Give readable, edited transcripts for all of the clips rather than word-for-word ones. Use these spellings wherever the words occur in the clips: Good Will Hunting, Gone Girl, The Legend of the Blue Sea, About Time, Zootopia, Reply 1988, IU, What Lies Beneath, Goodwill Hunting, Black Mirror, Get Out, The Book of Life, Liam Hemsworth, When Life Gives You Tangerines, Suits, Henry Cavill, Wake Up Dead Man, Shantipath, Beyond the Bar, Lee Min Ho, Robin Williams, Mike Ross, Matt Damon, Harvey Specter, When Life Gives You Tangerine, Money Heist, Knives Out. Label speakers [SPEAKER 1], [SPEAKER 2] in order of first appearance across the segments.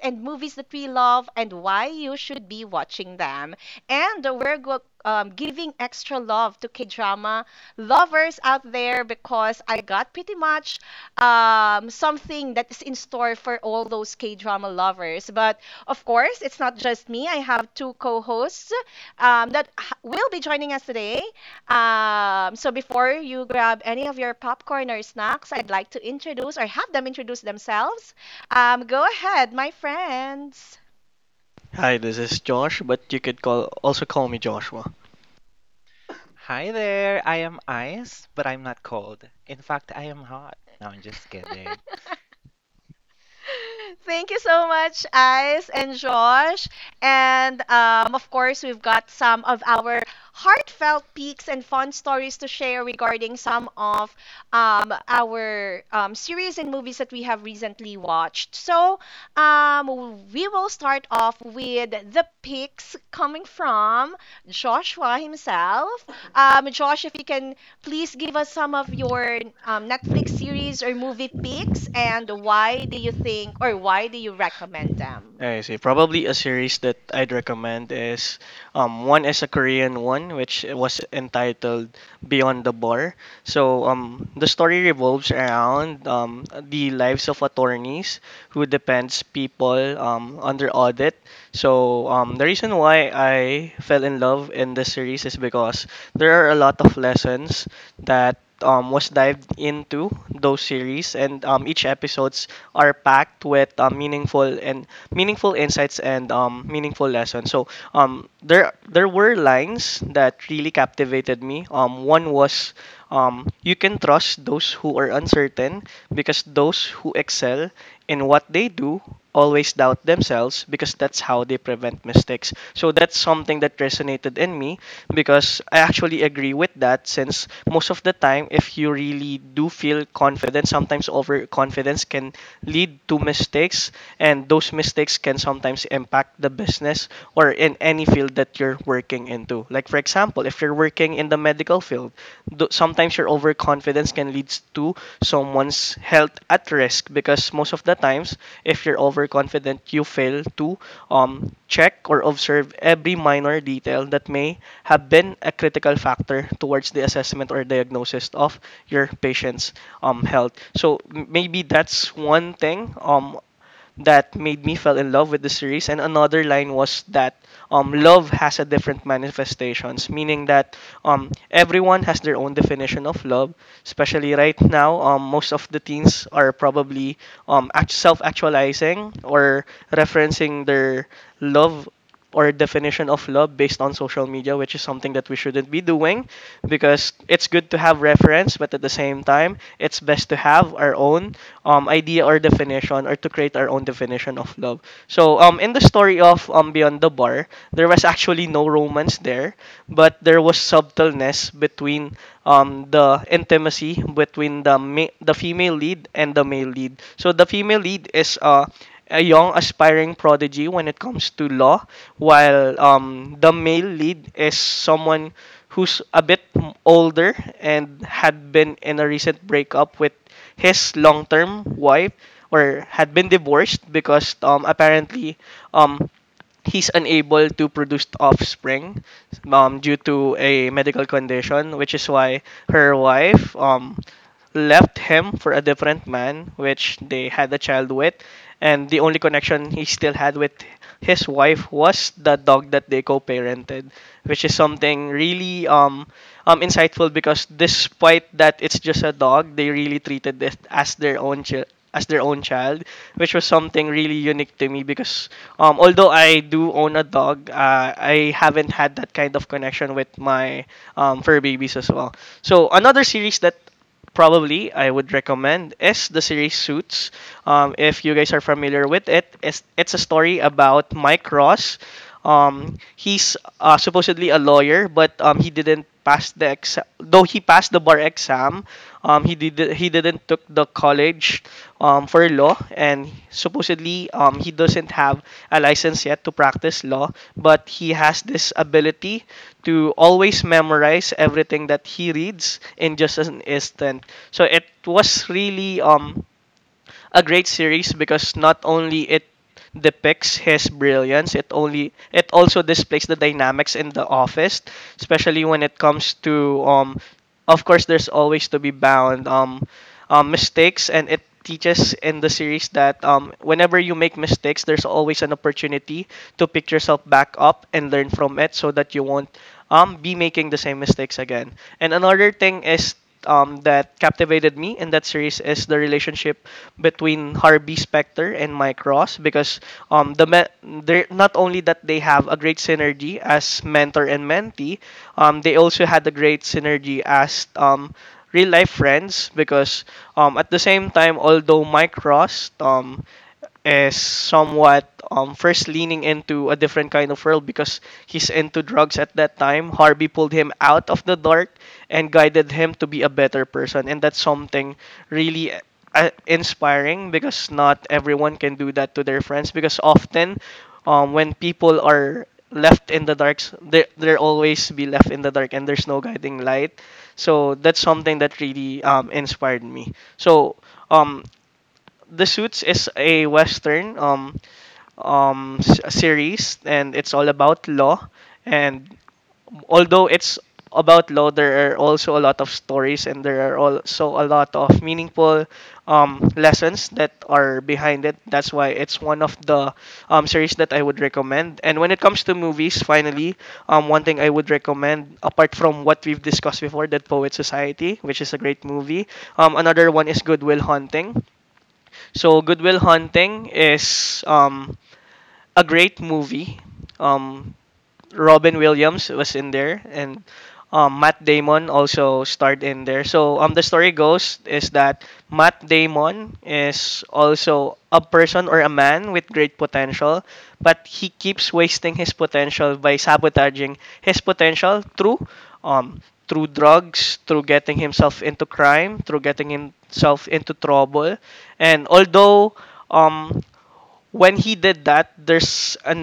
[SPEAKER 1] and movies that we love, and why you should be watching them. And giving extra love to K drama lovers out there because I got pretty much something that is in store for all those K drama lovers. But of course, it's not just me, I have two co hosts that will be joining us today. So before you grab any of your popcorn or snacks, I'd like to introduce or have them introduce themselves. Go ahead, my friends.
[SPEAKER 2] Hi, this is Josh, but you could call also call me Joshua.
[SPEAKER 3] Hi there. I am ice, but I'm not cold. In fact, I am hot. No, I'm just kidding.
[SPEAKER 1] Thank you so much, Ice and Josh. And of course, we've got some of our heartfelt peaks and fun stories to share regarding some of our series and movies that we have recently watched. So we will start off with the picks coming from Joshua himself. Josh, if you can please give us some of your Netflix series or movie picks and why do you think or why do you recommend them?
[SPEAKER 2] I see. Probably a series that I'd recommend is one is a Korean one which was entitled Beyond the Bar. So the story revolves around the lives of attorneys who defends people under audit. So the reason why I fell in love in this series is because there are a lot of lessons that was dived into those series, and each episodes are packed with meaningful and meaningful insights, and meaningful lessons. So there were lines that really captivated me. One was you can trust those who are uncertain because those who excel in what they do always doubt themselves because that's how they prevent mistakes. So that's something that resonated in me because I actually agree with that, since most of the time if you really do feel confident, sometimes overconfidence can lead to mistakes, and those mistakes can sometimes impact the business or in any field that you're working into, like for example if you're working in the medical field, sometimes your overconfidence can lead to someone's health at risk, because most of the times if you're overconfident, you fail to check or observe every minor detail that may have been a critical factor towards the assessment or diagnosis of your patient's health. So maybe that's one thing that made me fell in love with the series. And another line was that love has a different manifestations, meaning that everyone has their own definition of love, especially right now most of the teens are probably self-actualizing or referencing their love or definition of love based on social media, which is something that we shouldn't be doing because it's good to have reference, but at the same time, it's best to have our own idea or definition, or to create our own definition of love. So in the story of Beyond the Bar, there was actually no romance there, but there was subtleness between the intimacy between the the female lead and the male lead. So the female lead is a young aspiring prodigy when it comes to law, while the male lead is someone who's a bit older and had been in a recent breakup with his long-term wife, or had been divorced because apparently um he's unable to produce offspring due to a medical condition, which is why her wife left him for a different man, which they had a child with. And the only connection he still had with his wife was the dog that they co-parented, which is something really insightful, because despite that it's just a dog, they really treated it as their own child, as their own child, which was something really unique to me, because although I do own a dog, I haven't had that kind of connection with my fur babies as well. So another series that probably I would recommend is the series Suits. If you guys are familiar with it, it's a story about Mike Ross. He's supposedly a lawyer, but he didn't pass the exam. Though he passed the bar exam, he didn't took the college for law, and supposedly he doesn't have a license yet to practice law, but he has this ability to always memorize everything that he reads in just an instant. So it was really a great series, because not only it depicts his brilliance, it also displays the dynamics in the office, especially when it comes to of course there's always to be bound mistakes, and it teaches in the series that whenever you make mistakes, there's always an opportunity to pick yourself back up and learn from it, so that you won't be making the same mistakes again. And another thing is that captivated me in that series is the relationship between Harvey Specter and Mike Ross, because the they're not only that they have a great synergy as mentor and mentee, they also had a great synergy as real life friends, because at the same time, although Mike Ross is somewhat first leaning into a different kind of world because he's into drugs at that time, Harvey pulled him out of the dark and guided him to be a better person, and that's something really inspiring, because not everyone can do that to their friends. Because often, when people are left in the dark, they're always be left in the dark, and there's no guiding light. So that's something that really inspired me. So um, the Suits is a western series, and it's all about law, and although it's about law, there are also a lot of stories, and there are also a lot of meaningful lessons that are behind it. That's why it's one of the series that I would recommend. And when it comes to movies finally, one thing I would recommend apart from what we've discussed before, that poet society, which is a great movie, another one is Goodwill Hunting. So Goodwill Hunting is a great movie. Um, Robin Williams was in there, and Matt Damon also starred in there. So the story goes is that Matt Damon is also a person or a man with great potential, but he keeps wasting his potential by sabotaging his potential through um through drugs, through getting himself into crime, through getting himself into trouble. And although um when he did that, there's a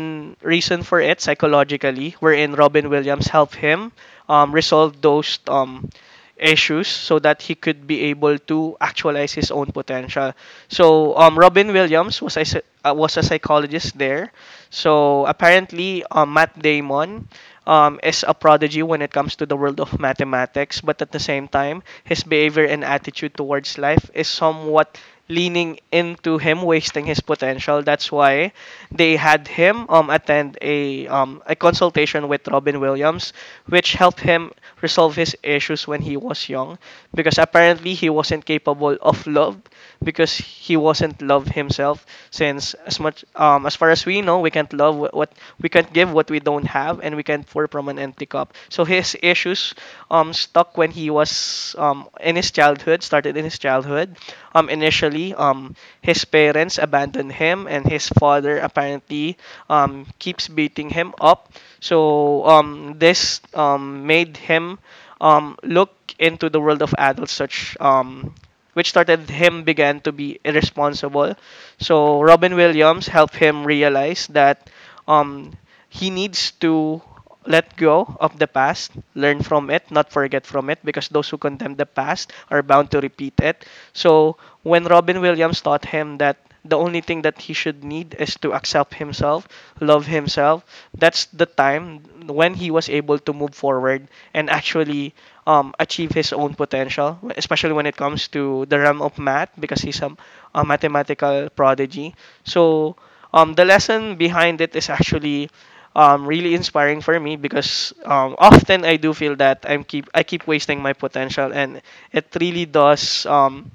[SPEAKER 2] reason for it psychologically, wherein Robin Williams helped him resolve those issues so that he could be able to actualize his own potential. So Robin Williams was a, was a psychologist there. So apparently, Matt Damon is a prodigy when it comes to the world of mathematics, but at the same time, his behavior and attitude towards life is somewhat leaning into him wasting his potential. That's why they had him attend a consultation with Robin Williams, which helped him resolve his issues when he was young, because apparently he wasn't capable of love because he wasn't love himself. Since as much as far as we know, we can't love what we can't give what we don't have, and we can't pour from an empty cup. So his issues stuck when he was in his childhood, started in his childhood. Initially, his parents abandoned him, and his father apparently keeps beating him up. So this made him look into the world of adults, such which started him began to be irresponsible. So Robin Williams helped him realize that um, he needs to let go of the past, learn from it, not forget from it, because those who condemn the past are bound to repeat it. So when Robin Williams taught him that the only thing that he should need is to accept himself, love himself, that's the time when he was able to move forward and actually achieve his own potential, especially when it comes to the realm of math, because he's a mathematical prodigy. So the lesson behind it is actually really inspiring for me, because often I do feel that I keep wasting my potential, and it really does.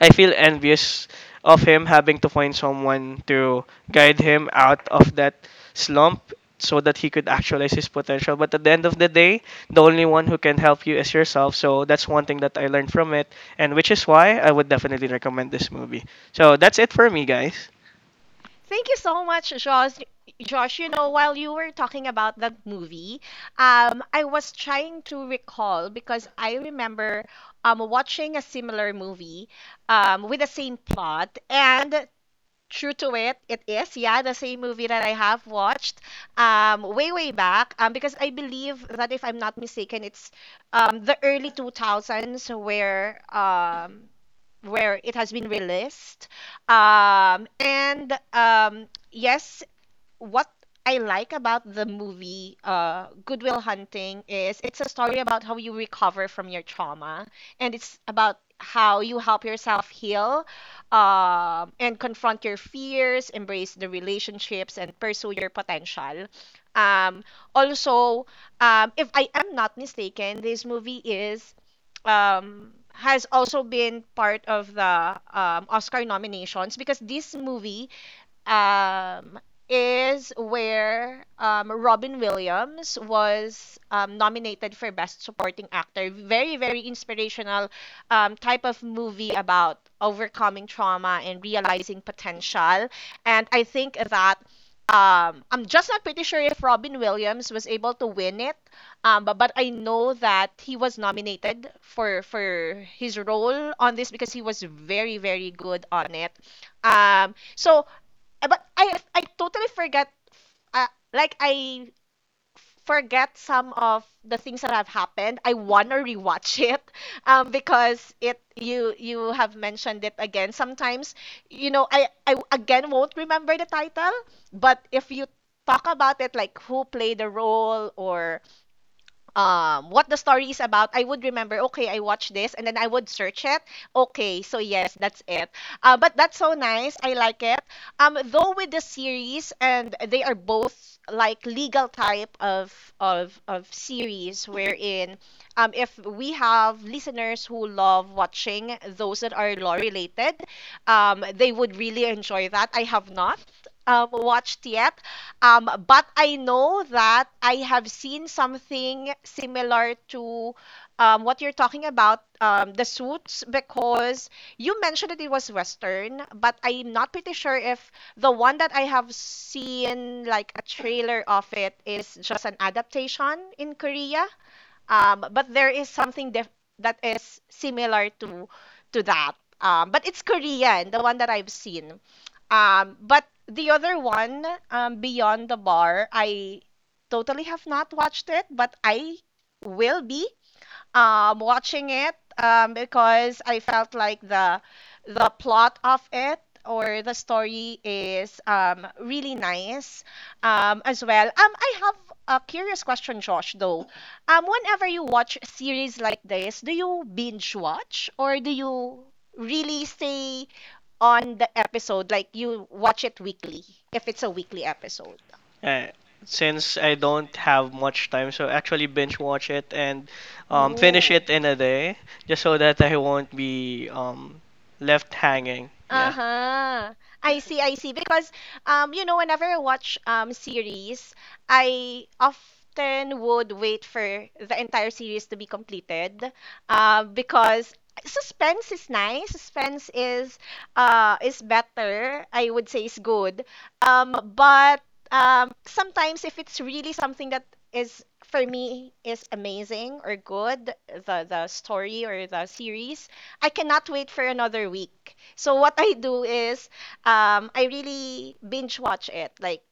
[SPEAKER 2] I feel envious of him having to find someone to guide him out of that slump so that he could actualize his potential. But at the end of the day, the only one who can help you is yourself. So that's one thing that I learned from it, and which is why I would definitely recommend this movie. So that's it for me, guys.
[SPEAKER 1] Thank you so much, Josh. Josh, while you were talking about that movie, I was trying to recall because I remember watching a similar movie with the same plot. And true to it, it is. Yeah, the same movie that I have watched way, way back. Because I believe that if I'm not mistaken, it's the early 2000s where it has been released. And yes, what I like about the movie Goodwill Hunting is it's a story about how you recover from your trauma, and it's about how you help yourself heal and confront your fears, embrace the relationships, and pursue your potential. Um, also, if I am not mistaken, this movie is has also been part of the Oscar nominations because this movie um, is where Robin Williams was nominated for Best Supporting Actor. Very, very inspirational type of movie about overcoming trauma and realizing potential. And I think that. I'm just not pretty sure if Robin Williams was able to win it, but I know that he was nominated for his role on this because he was very very good on it. Um, so But I totally forget. Uh, like I forget some of the things that have happened. I wanna rewatch it, because it you you have mentioned it again. Sometimes, I again won't remember the title, but if you talk about it, like who played the role or what the story is about, I would remember, okay, I watched this, and then I would search it. Okay, so yes, that's it. But that's so nice. I like it. Though with the series and they are both like legal type of series wherein if we have listeners who love watching those that are law related, they would really enjoy that. I have not watched yet, but I know that I have seen something similar to what you're talking about, the suits, because you mentioned that it was Western, but I'm not pretty sure if the one that I have seen, like a trailer of it, is just an adaptation in Korea. But there is something that is similar to that. But it's Korean, the one that I've seen. But the other one, Beyond the Bar, I totally have not watched it, but I will be watching it because I felt like the plot of it or the story is really nice as well. I have a curious question, Josh, though. Whenever you watch series like this, do you binge watch or do you really stay on the episode like you watch it weekly if it's a weekly episode?
[SPEAKER 2] Uh, since I don't have much time, so actually binge watch it and finish
[SPEAKER 1] Oh.
[SPEAKER 2] it in a day, just so that I won't be left hanging. Yeah.
[SPEAKER 1] Uh-huh. I see, I see. Because you know, whenever I watch series, I often would wait for the entire series to be completed. Because suspense is nice. Suspense is better. I would say is good. But sometimes if it's really something that is for me is amazing or good, the story or the series, I cannot wait for another week. So what I do is I really binge watch it, like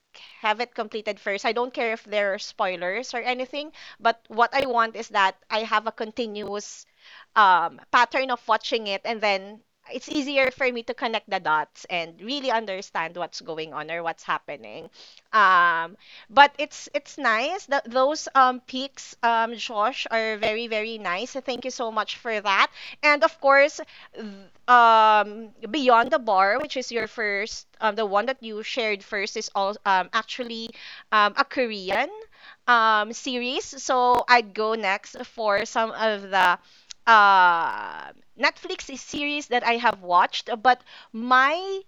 [SPEAKER 1] have it completed first. I don't care if there are spoilers or anything, but what I want is that I have a continuous pattern of watching it, and then it's easier for me to connect the dots and really understand what's going on or what's happening. Um, but it's nice that those peaks, Josh, are very very nice. So thank you so much for that. And of course, th- Beyond the Bar, which is your first, the one that you shared first, is all actually a Korean series. So I'd go next for some of the uh, Netflix series that I have watched, but my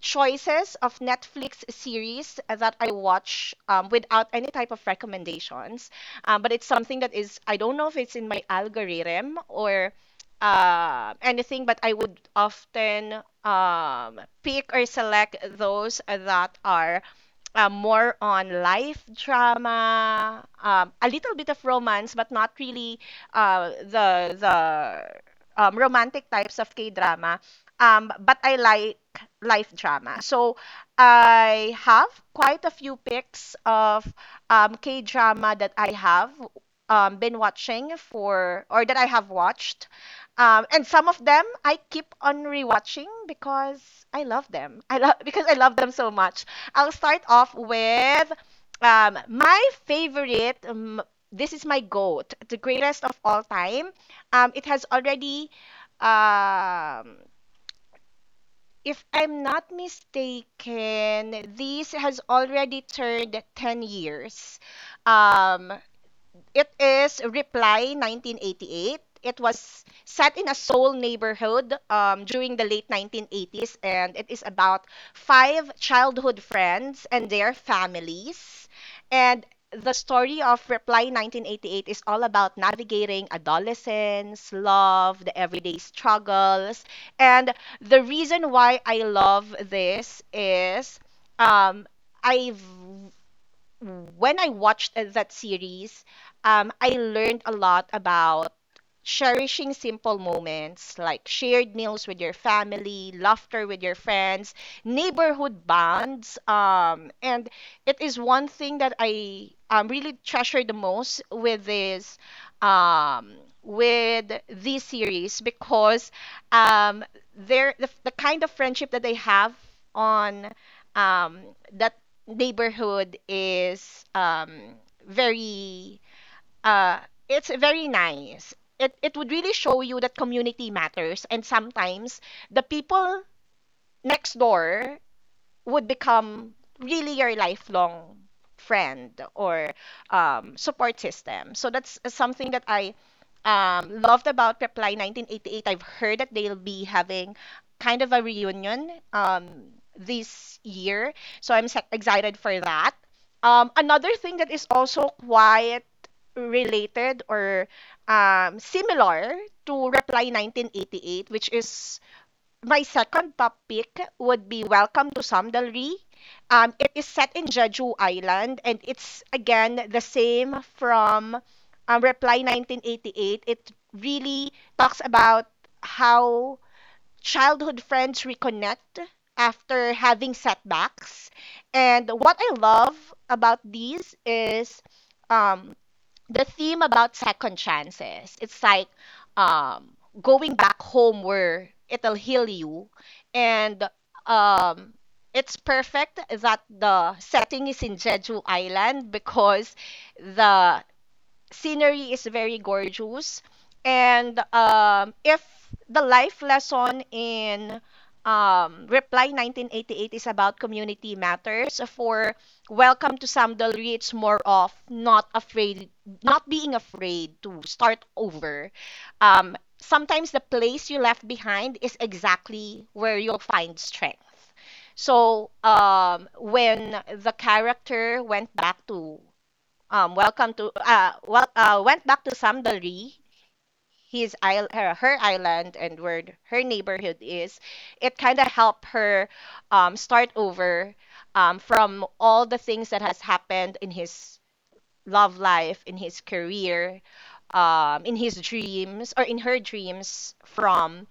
[SPEAKER 1] choices of Netflix series that I watch without any type of recommendations. But it's something that is, I don't know if it's in my algorithm or anything, but I would often pick or select those that are more on life drama, a little bit of romance, but not really the romantic types of K drama. But I like life drama, so I have quite a few picks of K drama that I have been watching for or that I have watched. And some of them I keep on rewatching because I love them. I love because I love them so much. I'll start off with my favorite. This is my goat, the greatest of all time. It has already, um, if I'm not mistaken, this has already turned 10 years. Um, it is Reply 1988. It was set in a Seoul neighborhood during the late 1980s, and it is about 5 childhood friends and their families. And the story of Reply 1988 is all about navigating adolescence, love, the everyday struggles. And the reason why I love this is um, I've when I watched that series, I learned a lot about cherishing simple moments like shared meals with your family, laughter with your friends, neighborhood bonds. And it is one thing that I really treasure the most um, with this series because um, they're the kind of friendship that they have on um, that neighborhood is very uh it's very nice. It would really show you that community matters and sometimes the people next door would become really your lifelong friend or support system. So that's something that I loved about Reply 1988. I've heard that they'll be having kind of a reunion this year. So I'm excited for that. Another thing that is also quite related or similar to Reply 1988, which is my second topic would be Welcome to Samdalri. It is set in Jeju Island, and it's again the same from Reply 1988. It really talks about how childhood friends reconnect after having setbacks. And what I love about these is um, the theme about second chances. It's like um, going back home where it'll heal you, and um, it's perfect that the setting is in Jeju Island because the scenery is very gorgeous, and if the life lesson in reply 1988 is about community matters, for welcome to samdal it's more of not afraid, not being afraid to start over. Sometimes the place you left behind is exactly where you'll find strength. So when the character went back to went back to Samdali, his isle, her island, and where her neighborhood is, it kind of helped her start over from all the things that has happened in his love life, in his career, in his dreams or in her dreams from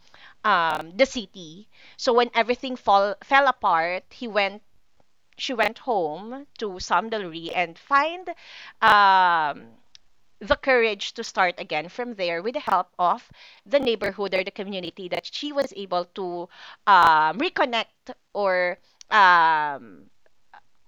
[SPEAKER 1] the city. So when everything fell apart, he went. She went home to Samdalri and find um, the courage to start again from there with the help of the neighborhood or the community that she was able to reconnect or um,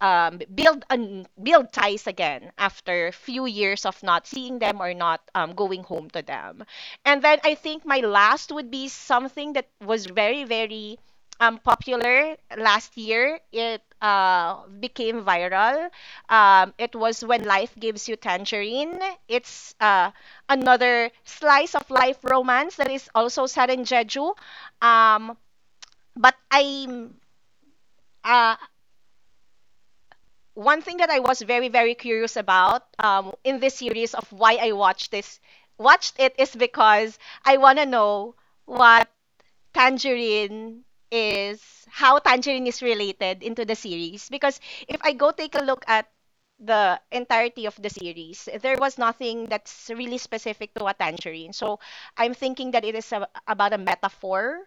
[SPEAKER 1] build build ties again after few years of not seeing them or not going home to them. And then I think my last would be something that was very very popular last year. It became viral. It was when life gives you tangerine. It's another slice of life romance that is also set in Jeju. Um, but I'm uh, one thing that I was very very curious about in this series of why I watched this watched it is because I want to know what Tangerine is, how Tangerine is related into the series, because if I go take a look at the entirety of the series, there was nothing that's really specific to a tangerine. So I'm thinking that it is about a metaphor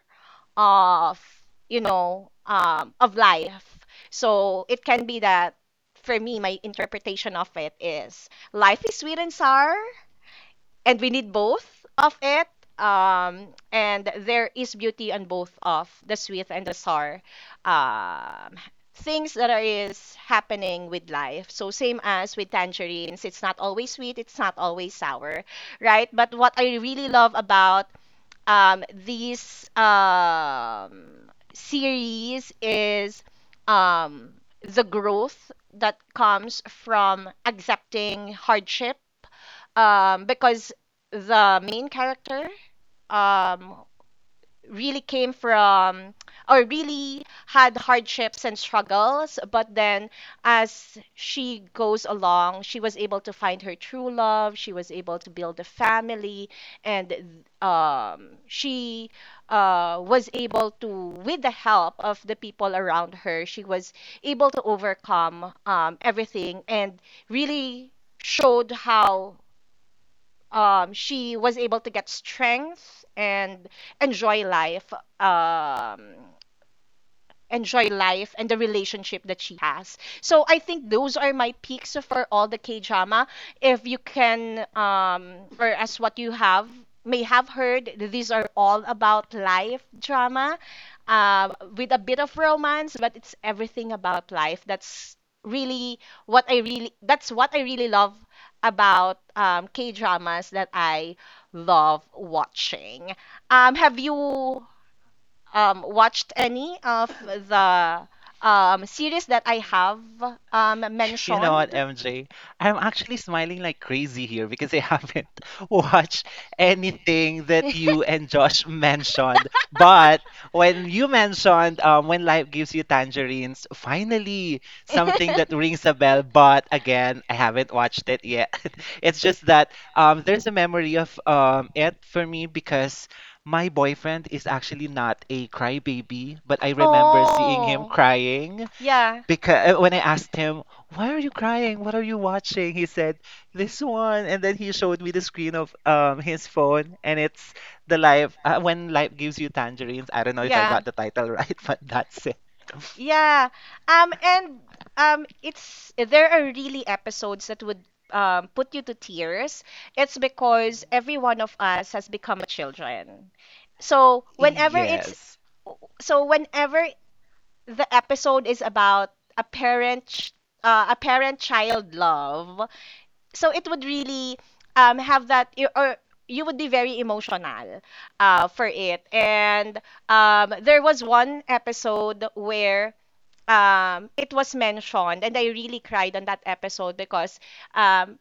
[SPEAKER 1] of of life. So it can be that, for me, my interpretation of it is life is sweet and sour and we need both of it, and there is beauty on both of the sweet and the sour um, things that are is happening with life. So same as with tangerines, it's not always sweet, it's not always sour, right? But what I really love about these series is um, the growth that comes from accepting hardship, because the main character um, really came from or really had hardships and struggles, but then as she goes along, she was able to find her true love, she was able to build a family, and she was able to, with the help of the people around her, she was able to overcome everything and really showed how she was able to get strength and enjoy life. Um, Enjoy life and the relationship that she has. So I think those are my picks for all the K drama. If you can, or as what you have may have heard, these are all about life drama, uh, with a bit of romance, but it's everything about life. That's really what I really, that's what I really love about K dramas that I love watching. Have you watched any of the series that I have
[SPEAKER 3] You know what,
[SPEAKER 1] mentioned?
[SPEAKER 3] MJ? I'm actually smiling like crazy here because I haven't watched anything that you and Josh mentioned. But when you mentioned When Life Gives You Tangerines, finally something that rings a bell. But again, I haven't watched it yet. It's just that there's a memory of it for me because my boyfriend is actually not a crybaby, but I remember seeing him
[SPEAKER 1] Oh,
[SPEAKER 3] crying
[SPEAKER 1] yeah,
[SPEAKER 3] because when I asked him, "Why are you crying? What are you watching?" He said, "This one." And then he showed me the screen of his phone, and it's the life when life gives you tangerines. I don't know if I
[SPEAKER 1] yeah,
[SPEAKER 3] got the title right, but that's it.
[SPEAKER 1] yeah. And it's there are really episodes that would put you to tears. It's because every one of us has become a children. So whenever it's
[SPEAKER 3] Yes.
[SPEAKER 1] so whenever the episode is about a parent ch- a parent child love, so it would really have that or you would be very emotional for it. And there was one episode where it was mentioned, and I really cried on that episode because um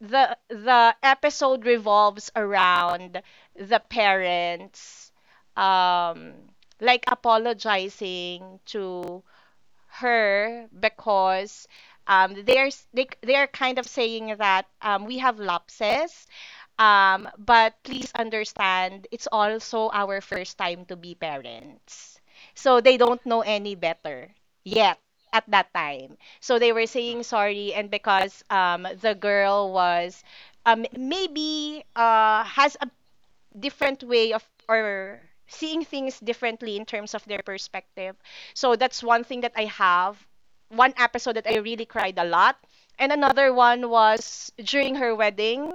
[SPEAKER 1] the episode revolves around the parents um like apologizing to her because they're they are kind of saying that, we have lapses, but please understand, it's also our first time to be parents. So they don't know any better yet at that time. So they were
[SPEAKER 3] Mhm.
[SPEAKER 1] saying sorry, and because the girl was, maybe has a different way of or seeing things differently in terms of their perspective. So that's one thing that I have, one episode that I really cried a lot. And another one was during her wedding,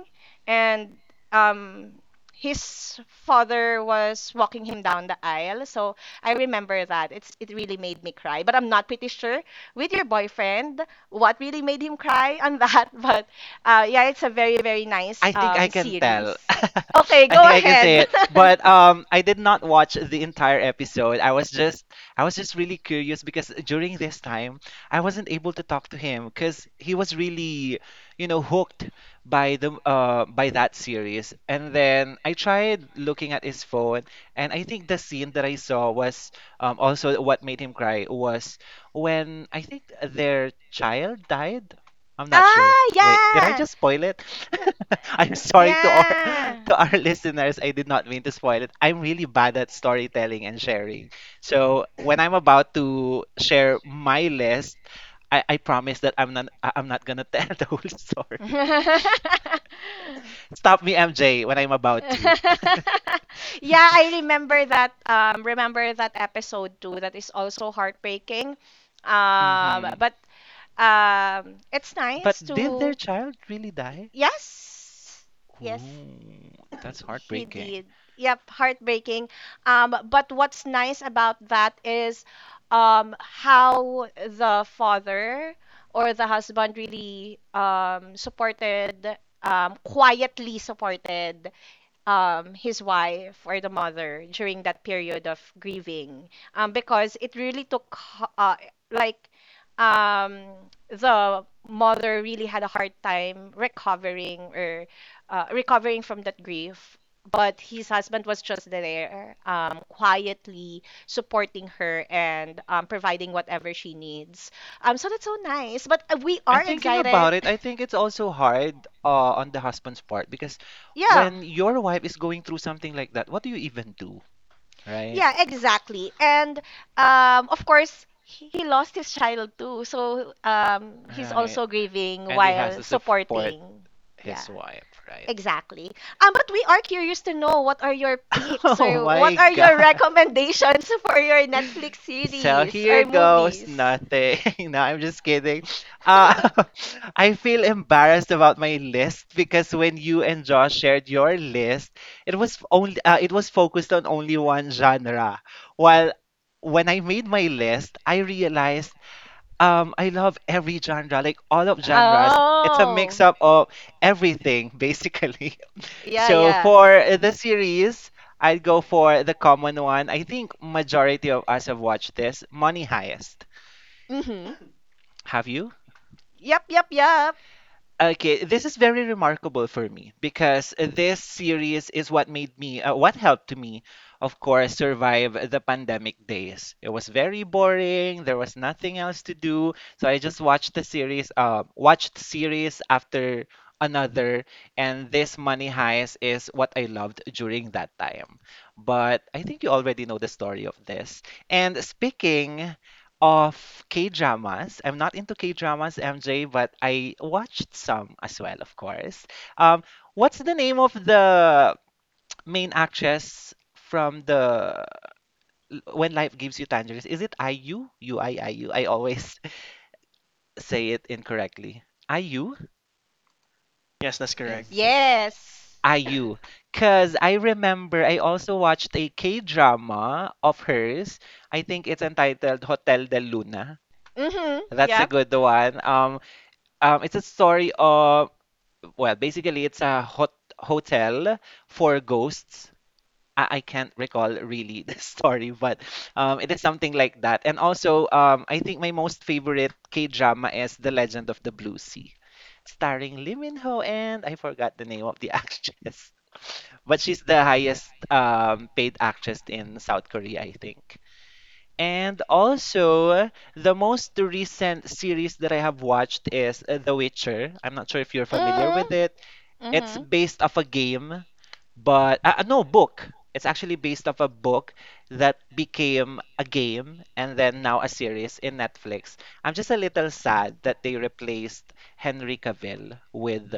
[SPEAKER 1] and um, his father was walking him down the aisle. So I remember that it really made me cry, but I'm not pretty sure with your boyfriend what really made him cry on that. But yeah, it's a very nice
[SPEAKER 3] I think I can
[SPEAKER 1] series.
[SPEAKER 3] tell.
[SPEAKER 1] Okay,
[SPEAKER 3] I
[SPEAKER 1] go
[SPEAKER 3] think I can say
[SPEAKER 1] ahead.
[SPEAKER 3] it. But I did not watch the entire episode. I was just really curious because during this time I wasn't able to talk to him because he was really, hooked by that series. And then I tried looking at his phone and I think the scene that I saw was also what made him cry was when I think their child died. I'm not sure.
[SPEAKER 1] Ah,
[SPEAKER 3] Wait, did I
[SPEAKER 1] yeah.
[SPEAKER 3] just spoil it? I'm sorry to our
[SPEAKER 1] Yeah.
[SPEAKER 3] to our listeners. I did not mean to spoil it. I'm really bad at storytelling and sharing. So when I'm about to share my list, I promise that I'm not gonna tell the whole story. Stop me, MJ, when I'm about to.
[SPEAKER 1] Yeah, I remember that, remember that episode too. That is also heartbreaking.
[SPEAKER 3] hmm
[SPEAKER 1] But it's nice
[SPEAKER 3] But did their
[SPEAKER 1] to,
[SPEAKER 3] child really die?
[SPEAKER 1] yes. Yes.
[SPEAKER 3] Ooh, that's
[SPEAKER 1] He
[SPEAKER 3] heartbreaking.
[SPEAKER 1] did. Yep, heartbreaking. But what's nice about that is how the father or the husband really quietly supported his wife or the mother during that period of grieving, because it really took h- uh, like um, the mother really had a hard time recovering or recovering from that grief, but his husband was just there, quietly supporting her and providing whatever she needs, so that's so nice. But we
[SPEAKER 3] And
[SPEAKER 1] are
[SPEAKER 3] thinking
[SPEAKER 1] excited.
[SPEAKER 3] about it, I think it's also hard on the husband's part because
[SPEAKER 1] Yeah.
[SPEAKER 3] when your wife is going through something like that, what do you even do? Right?
[SPEAKER 1] Yeah, exactly. And of course, he lost his child too. So he's
[SPEAKER 3] Right.
[SPEAKER 1] also grieving
[SPEAKER 3] And he has
[SPEAKER 1] while
[SPEAKER 3] to support
[SPEAKER 1] supporting. Yeah,
[SPEAKER 3] his wife, right?
[SPEAKER 1] exactly. But we are curious to know, what are your picks
[SPEAKER 3] Oh
[SPEAKER 1] or
[SPEAKER 3] my
[SPEAKER 1] what are your
[SPEAKER 3] God.
[SPEAKER 1] recommendations for your Netflix
[SPEAKER 3] So
[SPEAKER 1] series
[SPEAKER 3] here
[SPEAKER 1] or
[SPEAKER 3] goes
[SPEAKER 1] movies?
[SPEAKER 3] nothing. No, I'm just kidding. Uh, I feel embarrassed about my list because when you and Josh shared your list, it was focused on only one genre. While when I made my list, I realized I love every genre, like all of genres. It's a
[SPEAKER 1] Oh,
[SPEAKER 3] mix up of everything, basically.
[SPEAKER 1] yeah,
[SPEAKER 3] So
[SPEAKER 1] yeah.
[SPEAKER 3] for the series, I'd go for the common one. I think majority of us have watched this, Money Heist.
[SPEAKER 1] Mm-hmm.
[SPEAKER 3] Have you?
[SPEAKER 1] Yep, yep, yep.
[SPEAKER 3] Okay, this is very remarkable for me because this series is what what helped me, of course, survive the pandemic days. It was very boring. There was nothing else to do, so I just watched series after another, and this Money Heist is what I loved during that time. But I think you already know the story of this. And speaking of K-dramas. I'm not into K-dramas, MJ, but I watched some as well, of course. Um, what's the name of the main actress from the When Life Gives You Tangerines? Is it IU? UIIU. IIU. I always say it incorrectly. IU?
[SPEAKER 2] Yes, that's correct.
[SPEAKER 3] Is it?
[SPEAKER 1] Yes.
[SPEAKER 3] IU. Because I remember I also watched a K-drama of hers. I think it's entitled Hotel del Luna.
[SPEAKER 1] Mm-hmm.
[SPEAKER 3] That's a
[SPEAKER 1] Yep.
[SPEAKER 3] good one. It's a story of well, basically, it's a hotel for ghosts. I can't recall really the story, but it is something like that. And also, I think my most favorite K drama is The Legend of the Blue Sea, starring Lee Min Ho and I forgot the name of the actress, but she's the highest paid actress in South Korea, I think. And also, the most recent series that I have watched is The Witcher. I'm not sure if you're familiar
[SPEAKER 1] Mm.
[SPEAKER 3] with it. It's
[SPEAKER 1] Mhm.
[SPEAKER 3] based off a game, but no, book. It's actually based off a book that became a game and then now a series in Netflix. I'm just a little sad that they replaced Henry Cavill with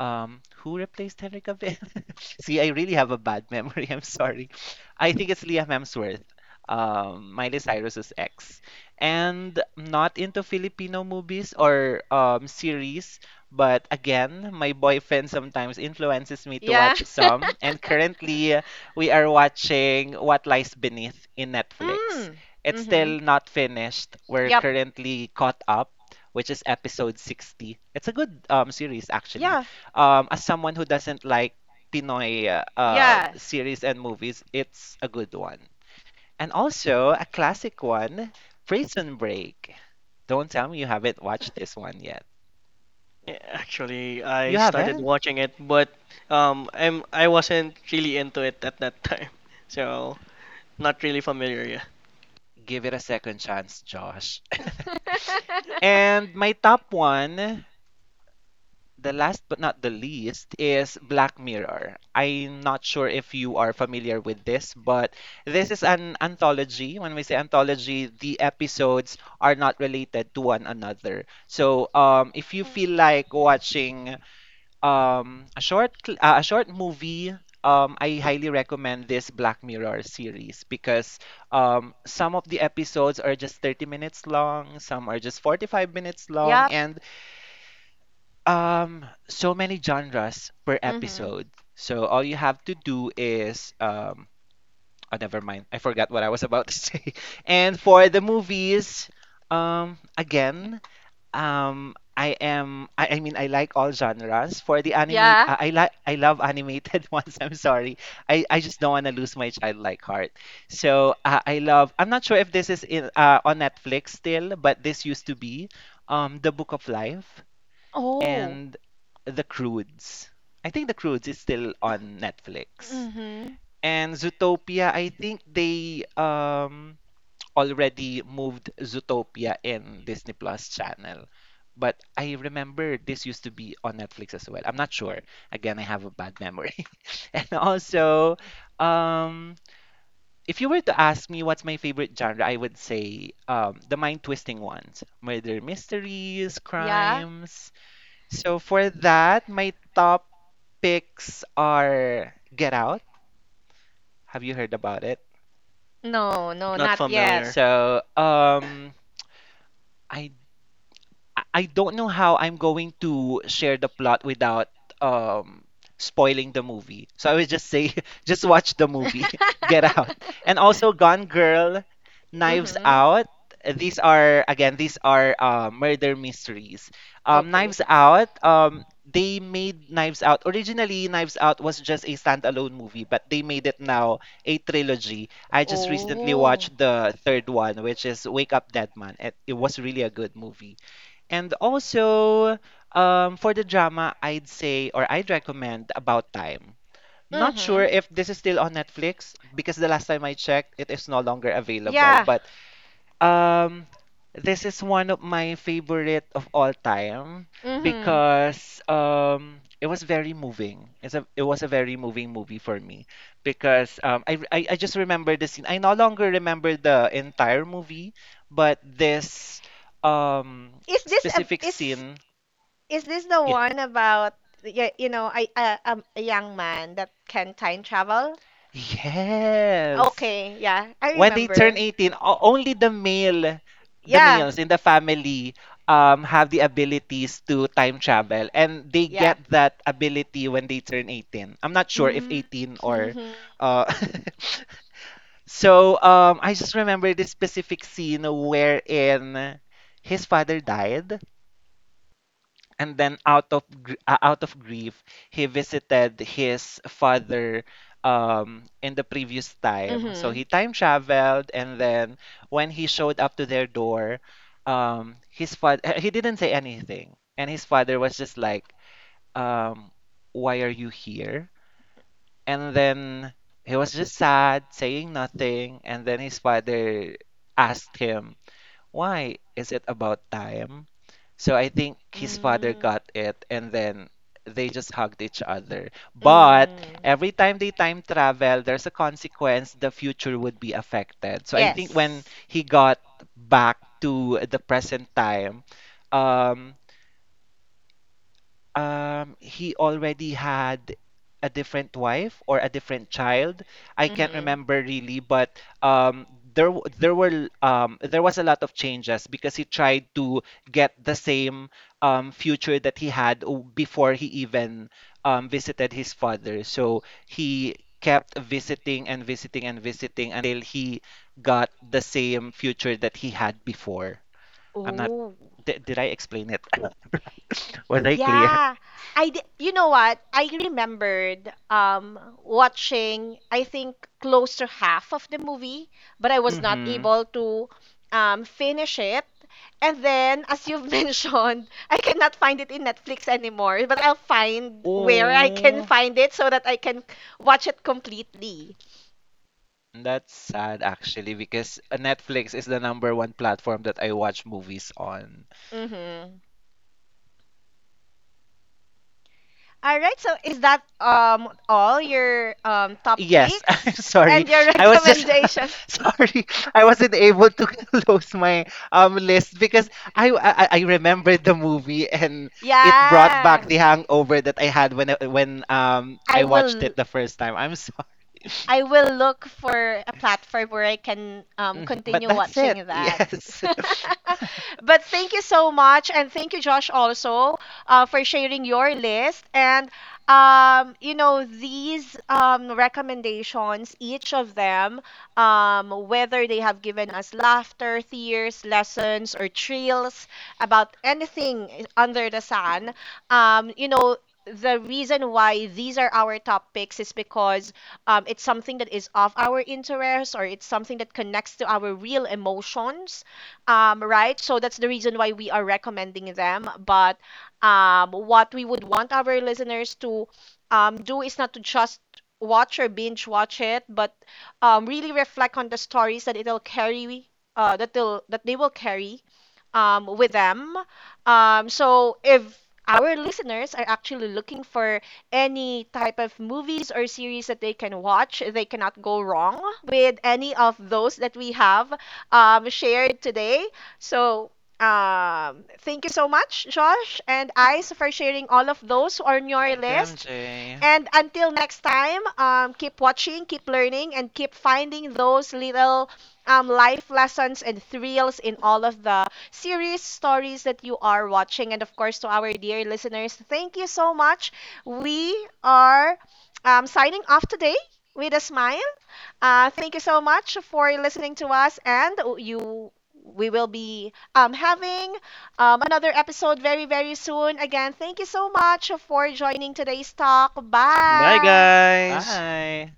[SPEAKER 3] who replaced Henry Cavill? See, I really have a bad memory. I'm sorry. I think it's Liam Hemsworth, Miley Cyrus's ex. And not into Filipino movies or series, but again, my boyfriend sometimes influences me to
[SPEAKER 1] Yeah.
[SPEAKER 3] watch some. And currently, we are watching What Lies Beneath in Netflix.
[SPEAKER 1] Mm.
[SPEAKER 3] It's
[SPEAKER 1] Mhm.
[SPEAKER 3] still not finished. We're
[SPEAKER 1] Yep.
[SPEAKER 3] currently caught up, which is episode 60. It's a good series, actually.
[SPEAKER 1] Yeah.
[SPEAKER 3] As someone who doesn't like Pinoy
[SPEAKER 1] Yeah.
[SPEAKER 3] series and movies, it's a good one. And also, a classic one, Prison Break. Don't tell me you haven't watched this one yet.
[SPEAKER 2] Actually, I
[SPEAKER 3] You
[SPEAKER 2] started
[SPEAKER 3] haven't?
[SPEAKER 2] watching it, but I wasn't really into it at that time, so not really familiar. Yeah,
[SPEAKER 3] Give it a second chance, Josh. And my top one, the last but not the least, is Black Mirror. I'm not sure if you are familiar with this, but this is an anthology. When we say anthology, the episodes are not related to one another. So, if you
[SPEAKER 1] Mhm.
[SPEAKER 3] feel like watching a short movie, I highly recommend this Black Mirror series because some of the episodes are just 30 minutes long, some are just 45 minutes long,
[SPEAKER 1] Yep.
[SPEAKER 3] and so many genres per
[SPEAKER 1] Mhm.
[SPEAKER 3] episode. So all you have to do is oh, never mind. I forgot what I was about to say. And for the movies again, I am. I mean, I like all genres. For the animate,
[SPEAKER 1] Yeah.
[SPEAKER 3] I like. I love animated ones. I'm sorry. I just don't want to lose my childlike heart. So I love. I'm not sure if this is in on Netflix still, but this used to be, The Book of Life
[SPEAKER 1] Oh.
[SPEAKER 3] and The Croods. I think The Croods is still on Netflix.
[SPEAKER 1] Mhm.
[SPEAKER 3] And Zootopia, I think they already moved Zootopia in Disney Plus channel. But I remember this used to be on Netflix as well. I'm not sure. Again, I have a bad memory. And also, um, if you were to ask me what's my favorite genre, I would say the mind-twisting ones, murder mysteries,
[SPEAKER 1] Yeah.
[SPEAKER 3] crimes. So for that, my top picks are Get Out. Have you heard about it?
[SPEAKER 1] No, no,
[SPEAKER 2] not
[SPEAKER 1] not yet.
[SPEAKER 2] familiar.
[SPEAKER 3] So, I I don't know how I'm going to share the plot without um spoiling the movie. So I would just say just watch the movie, Get Out. And also Gone Girl, Knives
[SPEAKER 1] Mm-hmm.
[SPEAKER 3] Out. These are murder mysteries.
[SPEAKER 1] Okay.
[SPEAKER 3] Knives Out, they made Knives Out. Originally Knives Out was just a standalone movie, but they made it now a trilogy. I just recently
[SPEAKER 1] Oh.
[SPEAKER 3] watched the third one, which is Wake Up Dead Man. It was really a good movie. And also, for the drama, I'd say or I'd recommend About Time. Not sure
[SPEAKER 1] Mm-hmm.
[SPEAKER 3] if this is still on Netflix because the last time I checked, it is no longer available.
[SPEAKER 1] Yeah.
[SPEAKER 3] But um, this is one of my favorite of all time
[SPEAKER 1] Mm-hmm.
[SPEAKER 3] because it was very moving. It was a very moving movie for me because I just remember the scene. I no longer remember the entire movie, but this um,
[SPEAKER 1] Is this a,
[SPEAKER 3] specific scene.
[SPEAKER 1] is this the
[SPEAKER 3] Yes.
[SPEAKER 1] one about, yeah, you know I a, a young man that can time travel?
[SPEAKER 3] Yes.
[SPEAKER 1] Okay, yeah, I
[SPEAKER 3] When they turn
[SPEAKER 1] remember.
[SPEAKER 3] 18 only the male the
[SPEAKER 1] Yeah,
[SPEAKER 3] males in the family have the abilities to time travel and they
[SPEAKER 1] yeah.
[SPEAKER 3] get that ability when they turn 18. I'm not sure if 18
[SPEAKER 1] Mm-hmm.
[SPEAKER 3] or
[SPEAKER 1] Mm-hmm.
[SPEAKER 3] uh, so I just remember this specific scene wherein his father died, and then out of grief he visited his father in the previous time. So
[SPEAKER 1] Mm-hmm.
[SPEAKER 3] he time traveled, and then when he showed up to their door, his father he didn't say anything, and his father was just like, um why are you here? And then he was just sad saying nothing, and then his father asked him, why? Is it about time? So I think his father
[SPEAKER 1] Mm.
[SPEAKER 3] got it, and then they just hugged each other. But
[SPEAKER 1] Mm.
[SPEAKER 3] every time they time travel, there's a consequence, the future would be affected. So I think when
[SPEAKER 1] Yes.
[SPEAKER 3] he got back to the present time, um, he already had a different wife or a different child. I can't
[SPEAKER 1] Mm-hmm.
[SPEAKER 3] remember really, but there w- there were there was a lot of changes because he tried to get the same future that he had before he even visited his father. So he kept visiting and visiting and visiting until he got the same future that he had before. I'm not
[SPEAKER 1] Oh,
[SPEAKER 3] did, did I explain it? Was I clear?
[SPEAKER 1] yeah. I di- you know what? I remembered watching I think close to half of the movie, but I was not
[SPEAKER 3] Mm-hmm.
[SPEAKER 1] able to finish it. And then, as you've mentioned, I cannot find it in Netflix anymore, but I'll find where I can
[SPEAKER 3] Oh,
[SPEAKER 1] find it so that I can watch it completely.
[SPEAKER 3] that's sad actually because Netflix is the number one platform that I watch movies on.
[SPEAKER 1] Mm-hmm. All right, so is that all your top
[SPEAKER 3] Yes, I'm
[SPEAKER 1] picks
[SPEAKER 3] sorry.
[SPEAKER 1] and your
[SPEAKER 3] I was just
[SPEAKER 1] recommendation?
[SPEAKER 3] sorry. I wasn't able to close my list because I remembered the movie and it brought back
[SPEAKER 1] Yeah,
[SPEAKER 3] the hangover that I had when I
[SPEAKER 1] I
[SPEAKER 3] watched
[SPEAKER 1] will.
[SPEAKER 3] it the first time. I'm sorry.
[SPEAKER 1] I will look for a platform where I can
[SPEAKER 3] But
[SPEAKER 1] continue
[SPEAKER 3] that's it.
[SPEAKER 1] watching that.
[SPEAKER 3] Yes.
[SPEAKER 1] But thank you so much, and thank you, Josh, also for sharing your list. And these recommendations, each of them, whether they have given us laughter, tears, lessons, or thrills about anything under the sun, um, you know the reason why these are our topics is because it's something that is of our interest, or it's something that connects to our real emotions, right? So that's the reason why we are recommending them. But what we would want our listeners to do is not to just watch or binge watch it, but really reflect on the stories that it'll carry, that they will carry with them. So if our listeners are actually looking for any type of movies or series that they can watch, they cannot go wrong with any of those that we have shared today. So, thank you so much, Josh and Ice, for sharing all of those on your
[SPEAKER 3] Thank you,
[SPEAKER 1] list.
[SPEAKER 3] MJ.
[SPEAKER 1] And until next time, keep watching, keep learning, and keep finding those little life lessons and thrills in all of the series stories that you are watching. And of course, to our dear listeners, thank you so much. We are signing off today with a smile. Thank you so much for listening to us, and you. We will be having another episode very, very soon. Again, thank you so much for joining today's talk.
[SPEAKER 2] Bye,
[SPEAKER 1] Bye.
[SPEAKER 2] guys.
[SPEAKER 3] Bye.